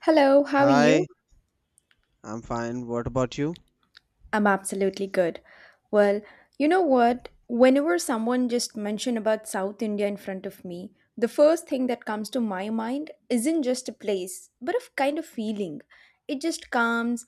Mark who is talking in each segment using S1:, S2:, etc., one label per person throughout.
S1: Hello, how are you?
S2: Hi, I'm fine. What about you?
S1: I'm absolutely good. Well, you know what? Whenever someone just mention about South India in front of me, the first thing that comes to my mind isn't just a place, but a kind of feeling. It just comes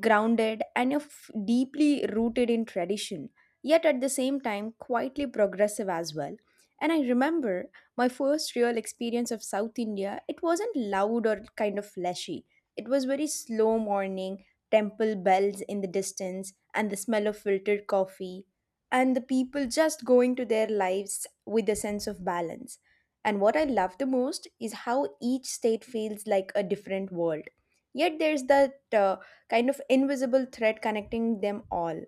S1: grounded and of deeply rooted in tradition, yet at the same time quietly progressive as well. And I remember my first real experience of South India, it wasn't loud or kind of flashy. It was very slow morning temple bells in the distance, and the smell of filtered coffee, and the people just going to their lives with a sense of balance. And what I love the most is how each state feels like a different world. Yet there's that kind of invisible thread connecting them all,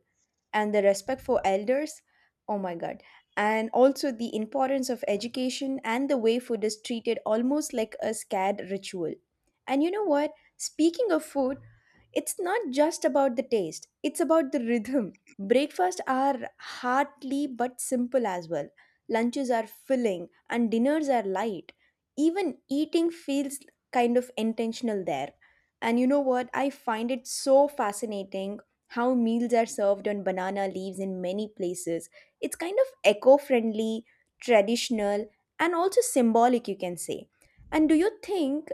S1: and the respect for elders. Oh my god. And also the importance of education and the way food is treated almost like a scared ritual. And you know what? Speaking of food, it's not just about the taste, it's about the rhythm. Breakfasts are hearty but simple as well. Lunches are filling and dinners are light. Even eating feels kind of intentional there. And you know what? I find it so fascinating how meals are served on banana leaves in many places. It's kind of eco friendly, traditional, and also symbolic, you can say. And do you think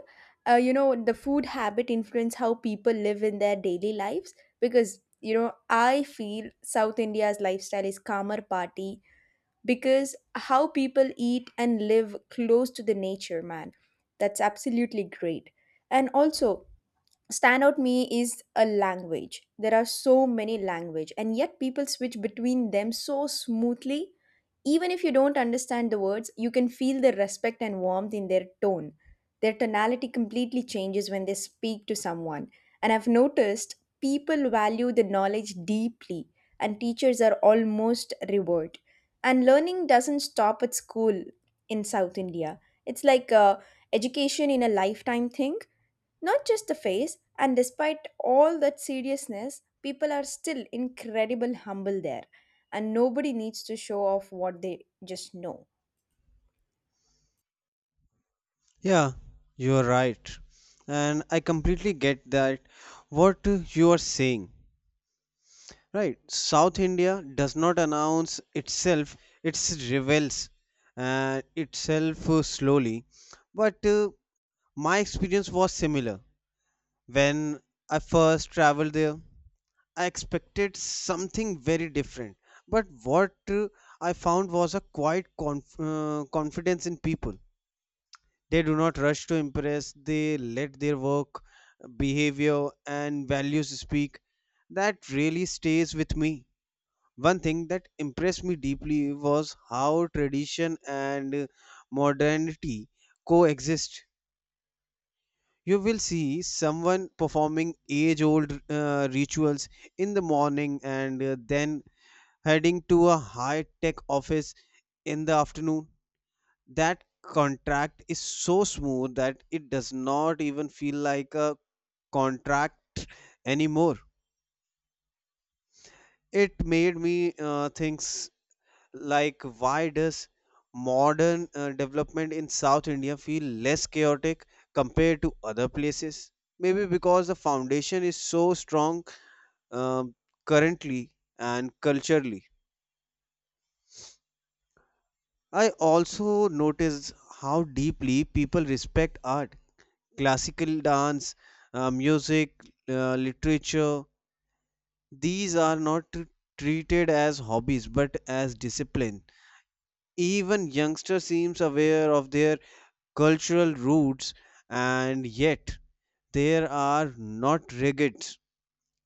S1: the food habit influence how people live in their daily lives because I feel South India's lifestyle is calmer party because how people eat and live close to the nature, man. That's absolutely great, and also standout me is a language. There are so many language, and yet people switch between them so smoothly. Even if you don't understand the words, you can feel the respect and warmth in their tone. Their tonality completely changes when they speak to someone, and I've noticed people value the knowledge deeply, and teachers are almost revered, and learning doesn't stop at school. In South India, it's like education in a lifetime thing, not just the face. And despite all that seriousness, people are still incredible humble there, and nobody needs to show off what they just know.
S2: Yeah, you're right. And I completely get that what you are saying. Right, South India does not announce itself, its revels and itself slowly. But my experience was similar. When I first traveled there, I expected something very different. But what I found was a quiet confidence in people. They do not rush to impress, they let their work, behavior, and values speak. That really stays with me. One thing that impressed me deeply was how tradition and modernity coexist. You will see someone performing age old rituals in the morning and then heading to a high tech office in the afternoon. That contract is so smooth that it does not even feel like a contract anymore. It made me think like why does modern development in South India feel less chaotic compared to other places? Maybe because the foundation is so strong, um, currently and culturally. I also noticed how deeply people respect art, classical dance, music, literature. These are not treated as hobbies but as discipline. Even youngsters seems aware of their cultural roots, and yet they are not rigid.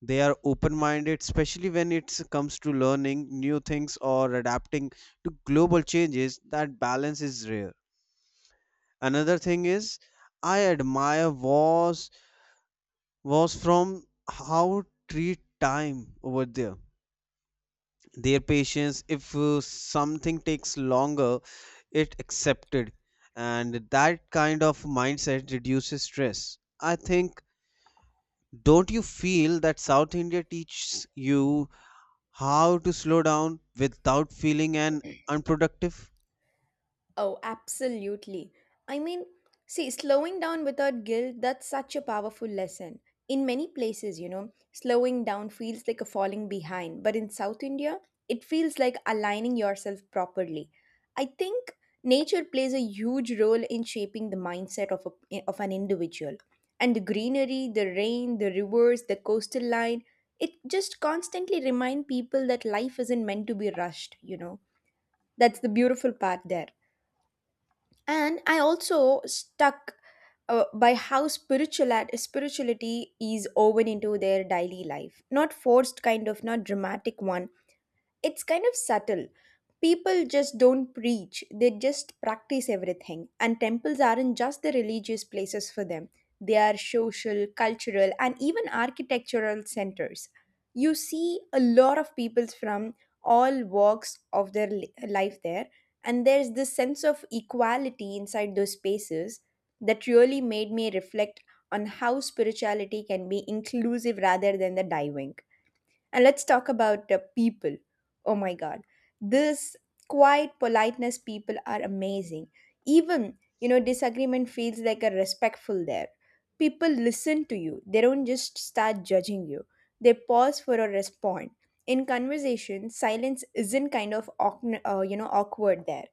S2: They are open-minded, especially when it comes to learning new things or adapting to global changes. That balance is rare. Another thing is I admire was from how treat time over there, their patience. If something takes longer, it accepted, and that kind of mindset reduces stress, I think. Don't you feel that South India teaches you how to slow down without feeling an unproductive?
S1: Oh, absolutely. I mean, see, slowing down without guilt, that's such a powerful lesson. In many places, slowing down feels like a falling behind, but in South India, it feels like aligning yourself properly. I think nature plays a huge role in shaping the mindset of, a, of an individual. And the greenery, the rain, the rivers, the coastal line, it just constantly remind people that life isn't meant to be rushed. That's the beautiful part there, and I also stuck by how spiritual spirituality is woven into their daily life, not forced, kind of not dramatic one. It's kind of subtle. People just don't preach, they just practice everything. And temples aren't just the religious places for them, they are social, cultural, and even architectural centers. You see a lot of people from all walks of their life there, and there's this sense of equality inside those spaces that really made me reflect on how spirituality can be inclusive rather than the diving. And let's talk about the people. Oh my God. This quiet politeness people are amazing. Even, disagreement feels like a respectful there. People listen to you, they don't just start judging you, they pause for a response. In conversation, silence isn't kind of awkward there.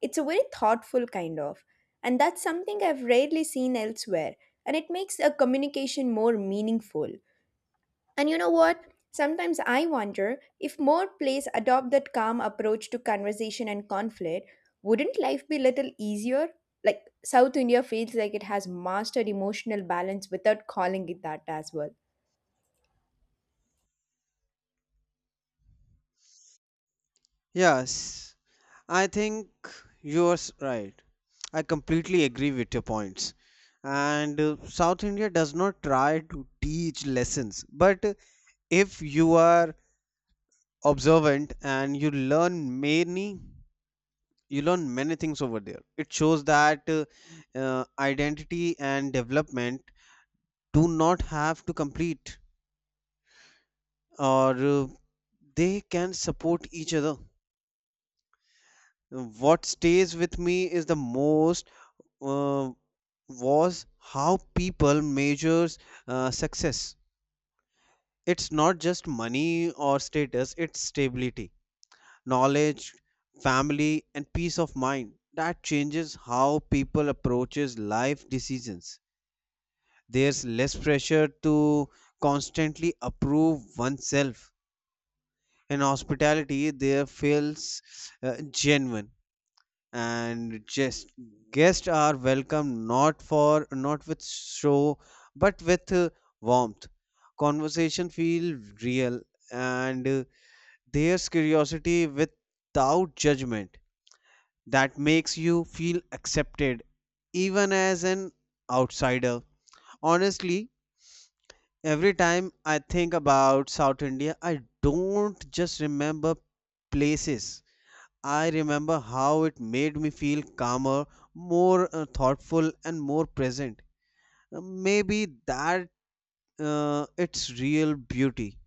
S1: It's a very thoughtful kind of, and that's something I've rarely seen elsewhere. And it makes a communication more meaningful. And you know what? Sometimes I wonder if more plays adopt that calm approach to conversation and conflict, wouldn't life be little easier? Like South India feels like it has mastered emotional balance without calling it that as well.
S2: Yes, I think you're right. I completely agree with your points. And South India does not try to teach lessons, but if you are observant and you learn many things over there. It shows that identity and development do not have to compete, or they can support each other. What stays with me is the most uh, was how people measures success. It's not just money or status, it's stability, knowledge, family, and peace of mind. That changes how people approaches life decisions. There's less pressure to constantly approve oneself, and hospitality there feels genuine, and just guests are welcome, not for not with show but with warmth. Conversation feel real, and there's curiosity without judgment. That makes you feel accepted even as an outsider. Honestly, every time I think about South India, I don't just remember places. I remember how it made me feel calmer, more thoughtful, and more present. Maybe that its real beauty,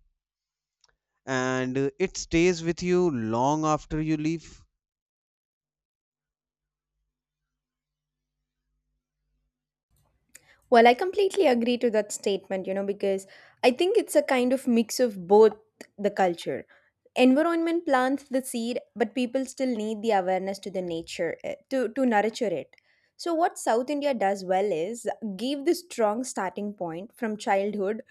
S2: and it stays with you long after you leave.
S1: Well, I completely agree to that statement, because I think it's a kind of mix of both the culture. Environment plants the seed, but people still need the awareness to the nature to nurture it. So what South India does well is give the strong starting point from childhood.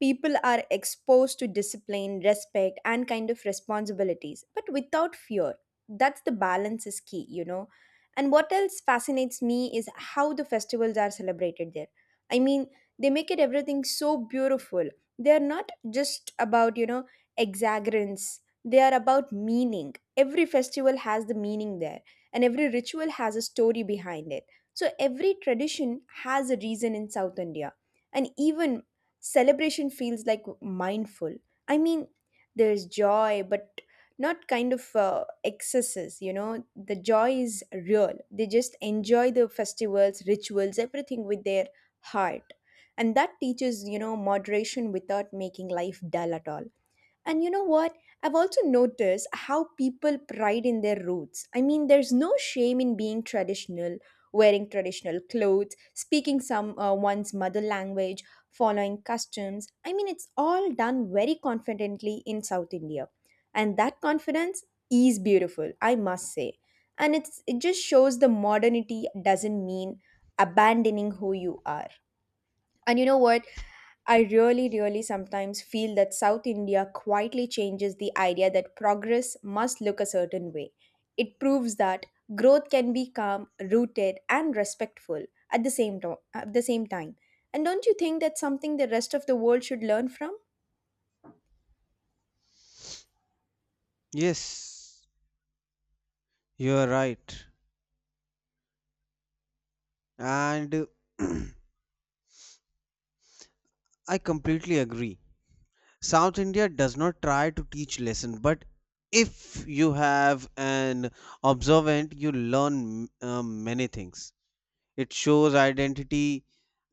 S1: People are exposed to discipline, respect, and kind of responsibilities, but without fear. That's the balance is key. And what else fascinates me is how the festivals are celebrated there. I mean, they make it everything so beautiful. They are not just about, exaggerance. They are about meaning. Every festival has the meaning there, and every ritual has a story behind it. So every tradition has a reason in South India. And even celebration feels like mindful. I mean, there's joy, but not kind of excesses, The joy is real. They just enjoy the festivals, rituals, everything with their heart, and that teaches moderation without making life dull at all. And you know what I've also noticed how people pride in their roots. I mean, there's no shame in being traditional, wearing traditional clothes, speaking some one's mother language, following customs. I mean, it's all done very confidently in South India, and that confidence is beautiful, I must say. And it just shows the modernity doesn't mean abandoning who you are. And you know what? I really, really sometimes feel that South India quietly changes the idea that progress must look a certain way. It proves that growth can be calm, rooted, and respectful at the at the same time. And don't you think that's something the rest of the world should learn from?
S2: Yes, you're right, and uh, I completely agree. South India does not try to teach lesson, but if you have an observant, you learn many things. It shows identity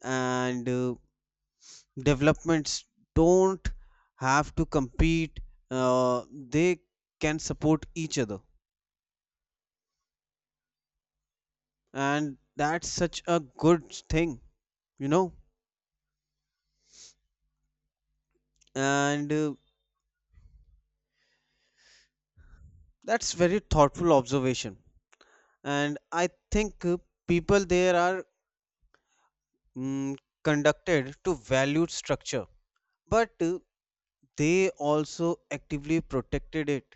S2: and developments don't have to compete, they can support each other, and that's such a good thing, you know. And that's very thoughtful observation. And I think people there are, mm, conducted to valued structure, but they also actively protected it.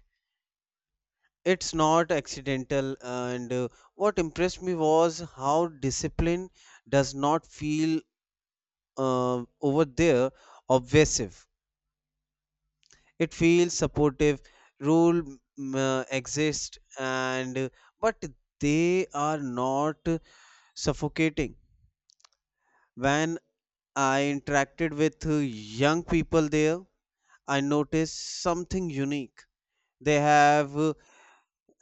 S2: It's not accidental, and what impressed me was how discipline does not feel, over there, obsessive. It feels supportive. Rule exist, and but they are not suffocating. When I interacted with young people there, I noticed something unique. They have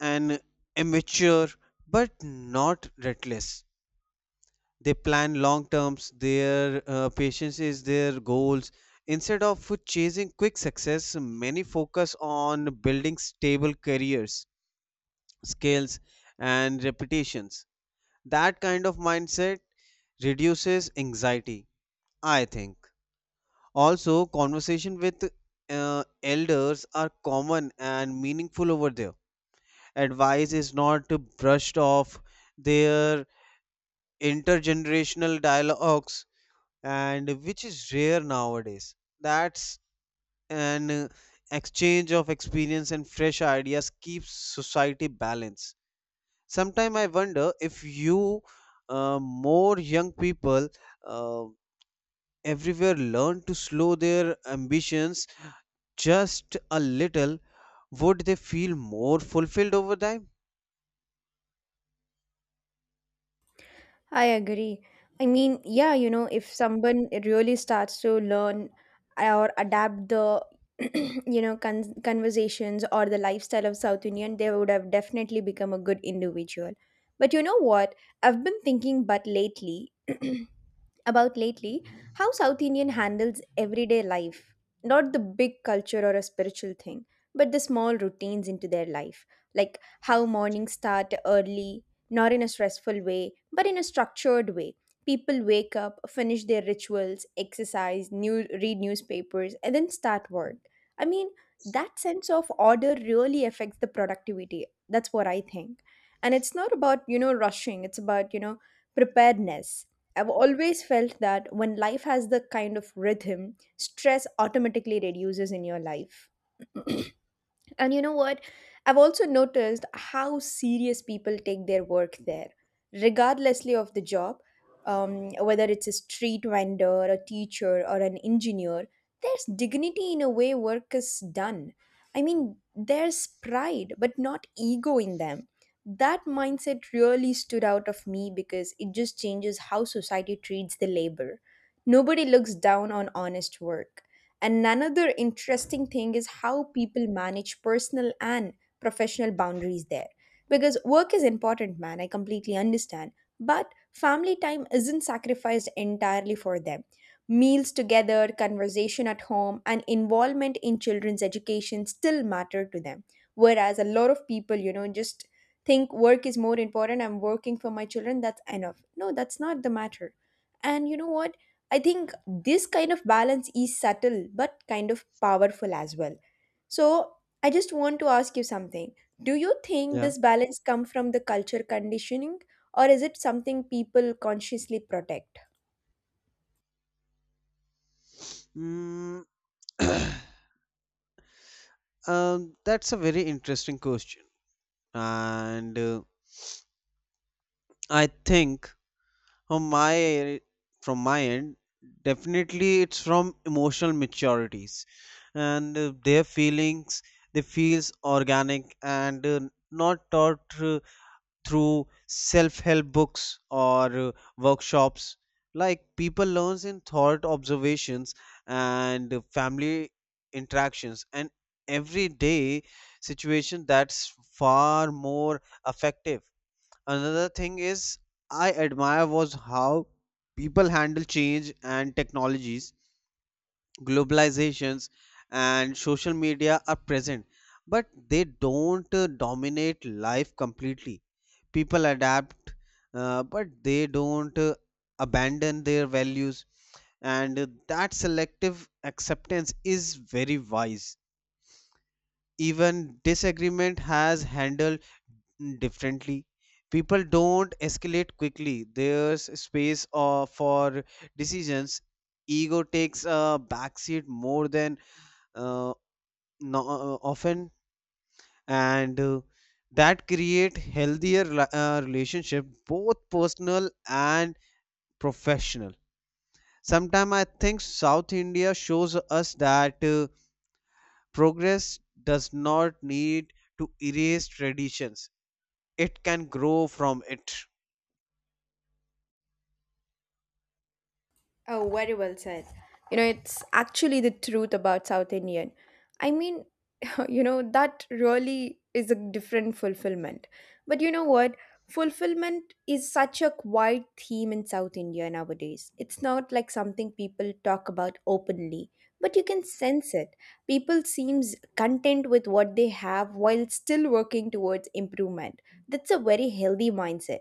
S2: an immature but not reckless. They plan long terms, their patience is their goals instead of chasing quick success. Many focus on building stable careers, skills, and reputations. That kind of mindset reduces anxiety, I think. Also conversation with uh, elders are common and meaningful over there. Advice is not brushed off. Their intergenerational dialogues, and which is rare nowadays. That's an exchange of experience and fresh ideas keeps society balanced. Sometimes I wonder if you, more young people uh, everywhere learn to slow their ambitions just a little, would they feel more fulfilled over time?
S1: I agree. I mean, yeah, if someone really starts to learn or adapt the, conversations or the lifestyle of South Indian, they would have definitely become a good individual. But you know what? I've been thinking, but lately, about lately how South Indian handles everyday life. Not the big culture or a spiritual thing, but the small routines into their life. Like how mornings start early, not in a stressful way, but in a structured way. People wake up, finish their rituals, exercise, new read newspapers, and then start work. I mean, that sense of order really affects the productivity. That's what I think. And it's not about, rushing, it's about, preparedness. I've always felt that when life has the kind of rhythm, stress automatically reduces in your life. And you know what? I've also noticed how serious people take their work there, regardlessly of the job, whether it's a street vendor, a teacher, or an engineer, there's dignity in a way work is done. I mean, there's pride, but not ego in them. That mindset really stood out of me because it just changes how society treats the labor. Nobody looks down on honest work. And another interesting thing is how people manage personal and professional boundaries there. Because work is important, man, I completely understand. But family time isn't sacrificed entirely for them. Meals together, conversation at home, and involvement in children's education still matter to them. Whereas a lot of people, just think work is more important, I'm working for my children, that's enough. No, that's not the matter. And you know what? I think this kind of balance is subtle but kind of powerful as well. So I just want to ask you something. Do you think
S2: Yeah.
S1: this balance come from the culture conditioning, or is it something people consciously protect?
S2: Mm, that's a very interesting question, and I think, From my from my end, definitely it's from emotional maturities and their feelings. They feels organic, and not taught through self-help books or workshops. Like people learns in thought observations and family interactions and everyday situation. That's far more effective. Another thing is I admire was how people handle change and technologies. Globalizations and social media are present, but they don't dominate life completely. People adapt, but they don't abandon their values, and that selective acceptance is very wise. Even disagreement has handled differently. People don't escalate quickly. There's space for decisions. Ego takes a backseat more than uh, no, often, and that create healthier relationship, both personal and professional. Sometimes I think South India shows us that progress does not need to erase traditions. It can grow from it.
S1: Oh, very well said. You know, it's actually the truth about South Indian. I mean, that really is a different fulfillment. But you know what, fulfillment is such a quiet theme in South India nowadays. It's not like something people talk about openly, but you can sense it. People seems content with what they have while still working towards improvement. That's a very healthy mindset.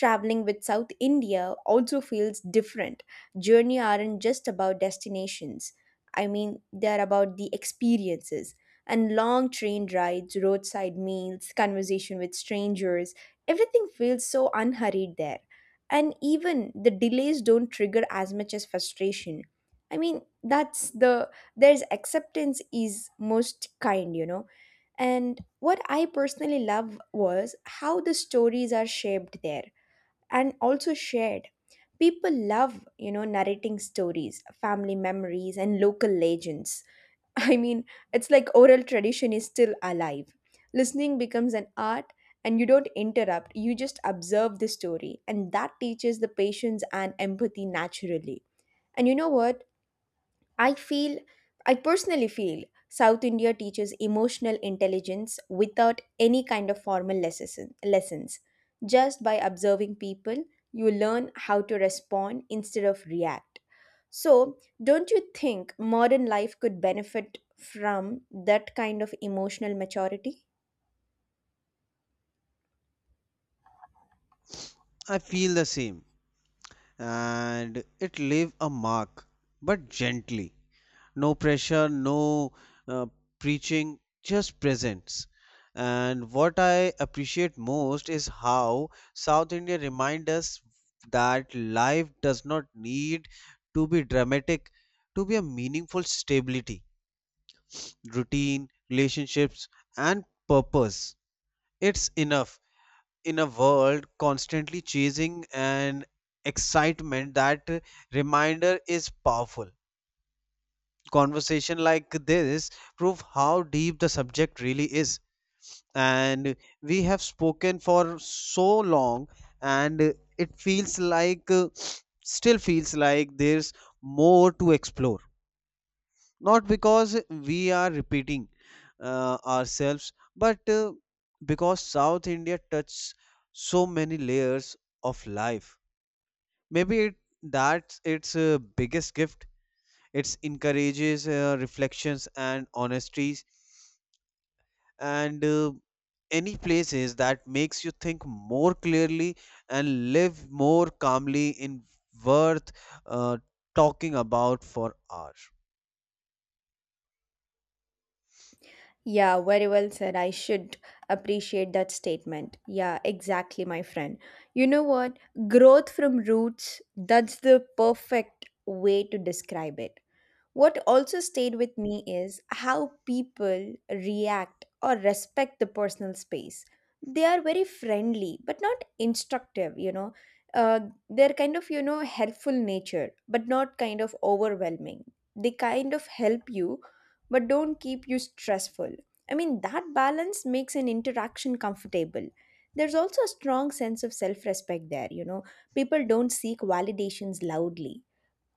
S1: Traveling with South India also feels different. Journey aren't just about destinations. I mean, they're about the experiences, and long train rides, roadside meals, conversation with strangers, everything feels so unhurried there. And even the delays don't trigger as much as frustration. I mean, that's the there's acceptance is most kind. And what I personally love was how the stories are shaped there and also shared. People love, narrating stories, family memories, and local legends. I mean, it's like oral tradition is still alive. Listening becomes an art, and you don't interrupt, you just observe the story, and that teaches the patience and empathy naturally. And you know what? I feel, I personally feel, South India teaches emotional intelligence without any kind of lessons. Just by observing people, you learn how to respond instead of react. So, don't you think modern life could benefit from that kind of emotional maturity?
S2: I feel the same, and it leave a mark, but gently. No pressure, no uh, preaching, just presence. And what I appreciate most is how South India remind us that life does not need to be dramatic to be a meaningful stability, routine, relationships, and purpose. It's enough. In a world constantly chasing and excitement, that reminder is powerful. Conversation like this prove how deep the subject really is, and we have spoken for so long, and it feels like, still feels like there's more to explore, not because we are repeating ourselves, but because South India touches so many layers of life. Maybe that's its biggest gift. It encourages reflections and honesties, and any places that makes you think more clearly and live more calmly in worth uh, talking about for hours.
S1: Yeah, very well said. I should appreciate that statement. Yeah, exactly, my friend. You know what? Growth from roots, that's the perfect way to describe it. What also stayed with me is how people react or respect the personal space. They are very friendly, but not instructive. You know. Uh, they're kind of, helpful nature, but not kind of overwhelming. They kind of help you, but don't keep you stressful. I mean, that balance makes an interaction comfortable. There's also a strong sense of self respect there. You know. People don't seek validations loudly,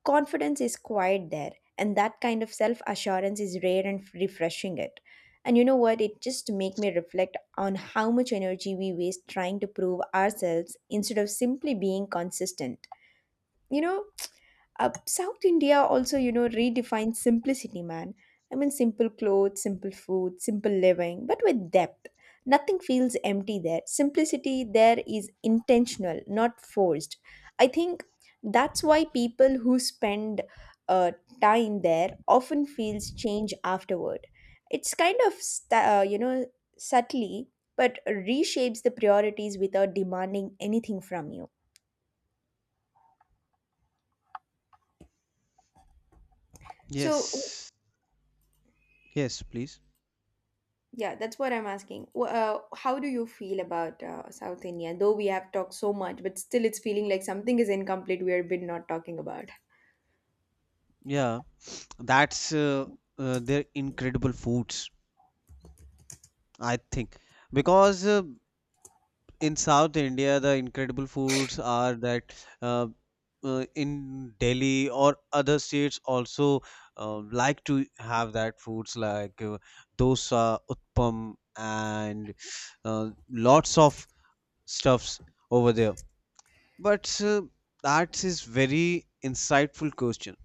S1: confidence is quiet there, and that kind of self assurance is rare and refreshing it. And you know what it just make me reflect on how much energy we waste trying to prove ourselves instead of simply being consistent you know South India also, redefines simplicity, man. I mean, simple clothes, simple food, simple living, but with depth. Nothing feels empty there. Simplicity there is intentional, not forced. I think that's why people who spend uh, time there often feels change afterward. It's kind of, subtly, but reshapes the priorities without demanding anything from you. So,
S2: Yes, yes please.
S1: yeah, that's what I'm asking. How do you feel about South India? Though we have talked so much, but still it's feeling like something is incomplete we have been not talking about.
S2: Yeah. That's their incredible foods, I think, because in South India the incredible foods are that, uh, in Delhi or other states also like to have that foods like dosa, utpam, and lots of stuffs over there. But that is very insightful question.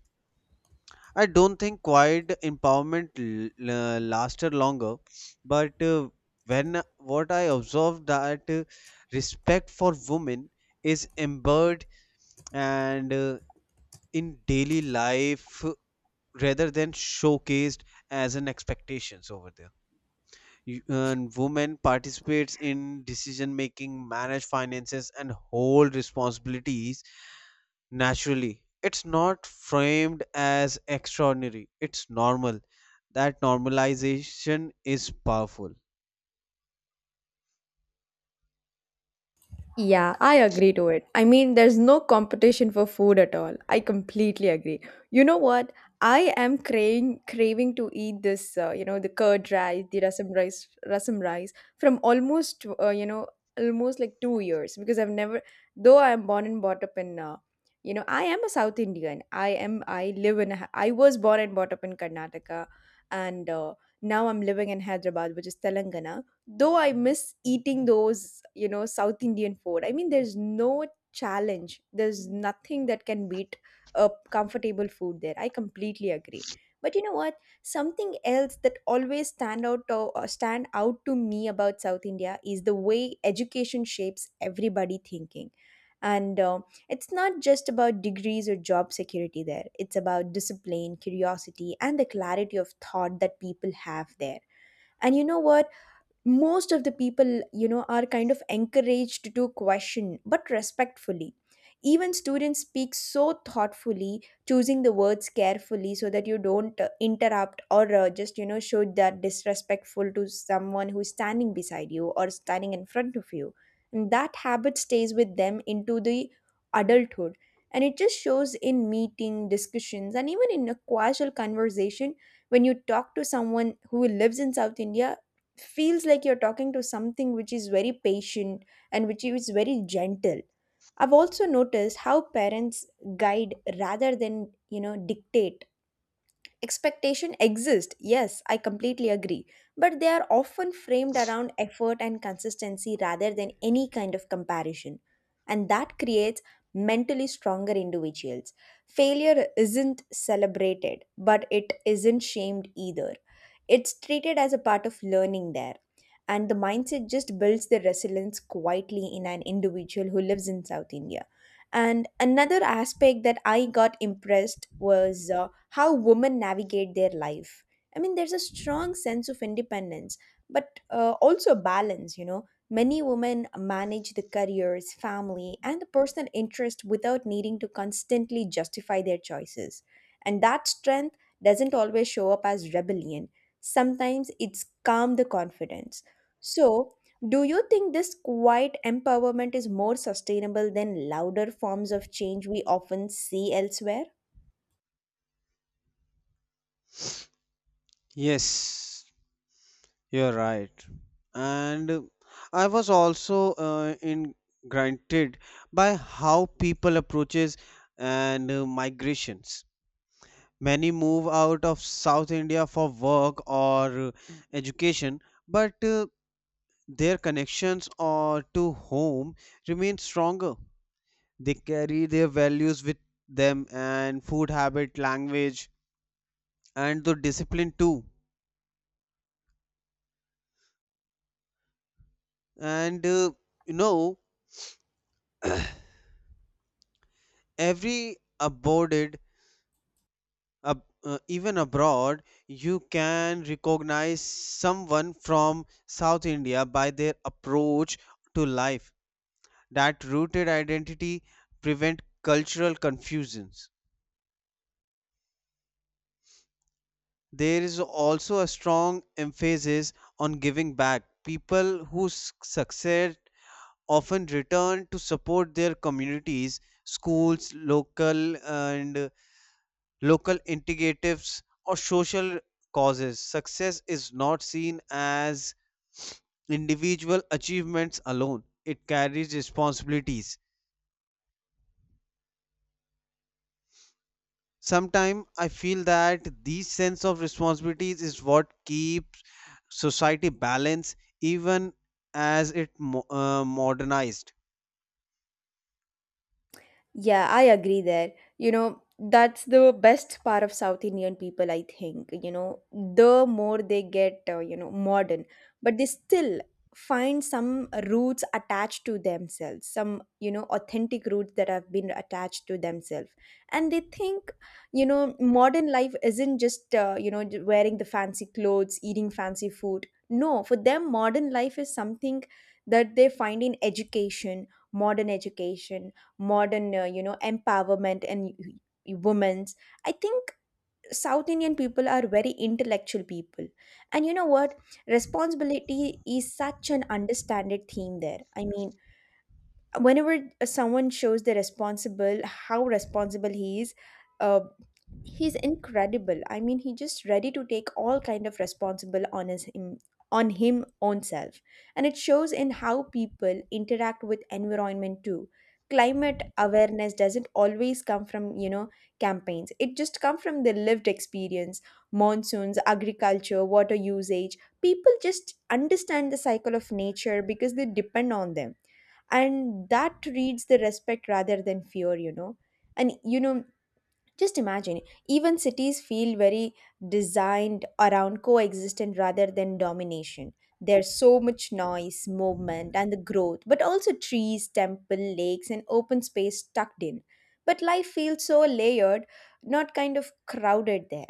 S2: I don't think quiet empowerment lasted longer, but when what I observed that respect for women is embedded and in daily life, rather than showcased as an expectations over there. And women participates in decision making, manage finances, and hold responsibilities naturally. It's not framed as extraordinary, it's normal. That normalization is powerful.
S1: Yeah, I agree to it. I mean, there's no competition for food at all. I completely agree. You know what? I am craving to eat this, the curd rice, the rasam rice from almost, almost like 2 years because I've never, though I am born and brought up in, I am a South Indian. I live in, I was born and brought up in Karnataka, and now I'm living in Hyderabad, which is Telangana. Though I miss eating those, south indian food. I mean, there's no challenge, there's nothing that can beat a comfortable food there, I completely agree. But you know what, something else that always stand out to me about south india is the way education shapes everybody thinking. And It's not just about degrees or job security there, it's about discipline, curiosity, and the clarity of thought that people have there. And you know what, most of the people, are kind of encouraged to question, but respectfully. Even students speak so thoughtfully, choosing the words carefully so that you don't interrupt or just show that disrespectful to someone who's standing beside you or standing in front of you. And that habit stays with them into the adulthood, and it just shows in meeting discussions and even in a casual conversation. When you talk to someone who lives in south india, feels like you're talking to something which is very patient and which is very gentle. I've also noticed how parents guide rather than, dictate. Expectation exist, yes, I completely agree, but they are often framed around effort and consistency rather than any kind of comparison. And that creates mentally stronger individuals. Failure isn't celebrated, but it isn't shamed either. It's treated as a part of learning there. And the mindset just builds the resilience quietly in an individual who lives in South India. And another aspect that I got impressed was how women navigate their life. I mean, there's a strong sense of independence, but also balance. You know. Many women manage the careers, family, and the personal interest without needing to constantly justify their choices. And that strength doesn't always show up as rebellion. Sometimes it's calm the confidence. So, do you think this quiet empowerment is more sustainable than louder forms of change we often see elsewhere?
S2: Yes, you're right. And I was also in granted by how people approaches and migrations. Many move out of South India for work or education, but their connections or to home remain stronger. They carry their values with them, and food habit, language, and the discipline too. And you know, every abroad, even abroad, you can recognize someone from South India by their approach to life. That rooted identity prevent cultural confusions. There is also a strong emphasis on giving back. People who succeed often return to support their communities, schools, local integratives or social causes. Success is not seen as individual achievements alone. It carries responsibilities. Sometimes I feel that these sense of responsibilities is what keeps society balanced even as it modernized.
S1: Yeah, I agree there. You know, that's the best part of South Indian people, I think. You know, the more they get, modern, but they still find some roots attached to themselves, some, authentic roots that have been attached to themselves. And they think, modern life isn't just, wearing the fancy clothes, eating fancy food. No, for them, modern life is something that they find in education, modern education, modern empowerment and women's. I think south indian people are very intellectual people. And you know what, responsibility is such an understanded theme there. I mean, whenever someone shows the responsible, how responsible he is, uh, he's incredible. I mean, he just ready to take all kind of responsible on his him on him own self. And it shows in how people interact with environment too. Climate awareness doesn't always come from, campaigns, it just come from the lived experience. Monsoons, agriculture, water usage, people just understand the cycle of nature because they depend on them. And that reads the respect rather than fear. You know and just imagine, even cities feel very designed around coexistence rather than domination. There's so much noise, movement, and the growth, but also trees, temple, lakes, and open space tucked in. But life feels so layered, not kind of crowded there.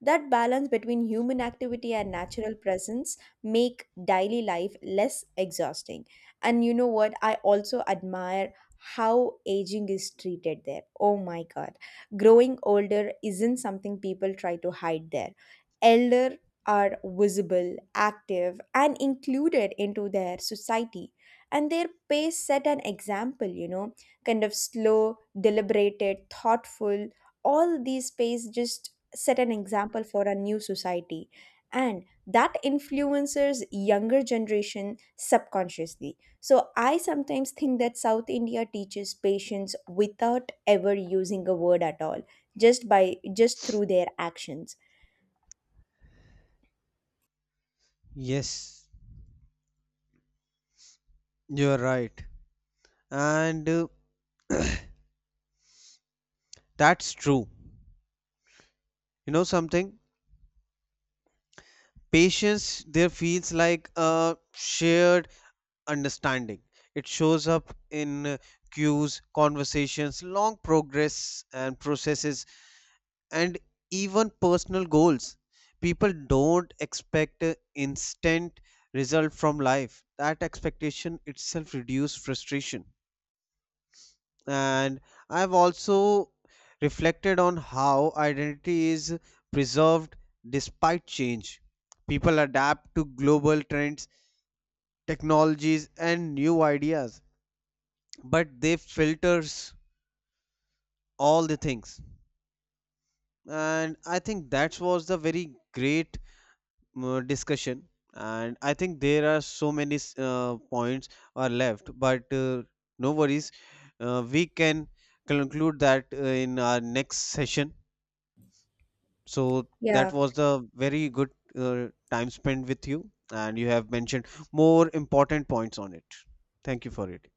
S1: That balance between human activity and natural presence make daily life less exhausting. And you know what? I also admire how aging is treated there. Oh my god. Growing older isn't something people try to hide there. Elder are visible, active, and included into their society. And their pace set an example, kind of slow, deliberated, thoughtful. All these pace just set an example for a new society. And that influences younger generation subconsciously. So I sometimes think that South India teaches patience without ever using a word at all, just by just through their actions.
S2: Yes, you are right. And that's true. You know something? Patience there feels like a shared understanding. It shows up in cues, conversations, long progress and processes, and even personal goals. People don't expect a instant result from life. That expectation itself reduces frustration. And I've also reflected on how identity is preserved despite change. People adapt to global trends, technologies, and new ideas, but they filters all the things. And I think that was the very great discussion. And I think there are so many points are left, but no worries. We can conclude that in our next session. So that
S1: Yeah,
S2: was the very good time spent with you, and you have mentioned more important points on it. Thank you for it.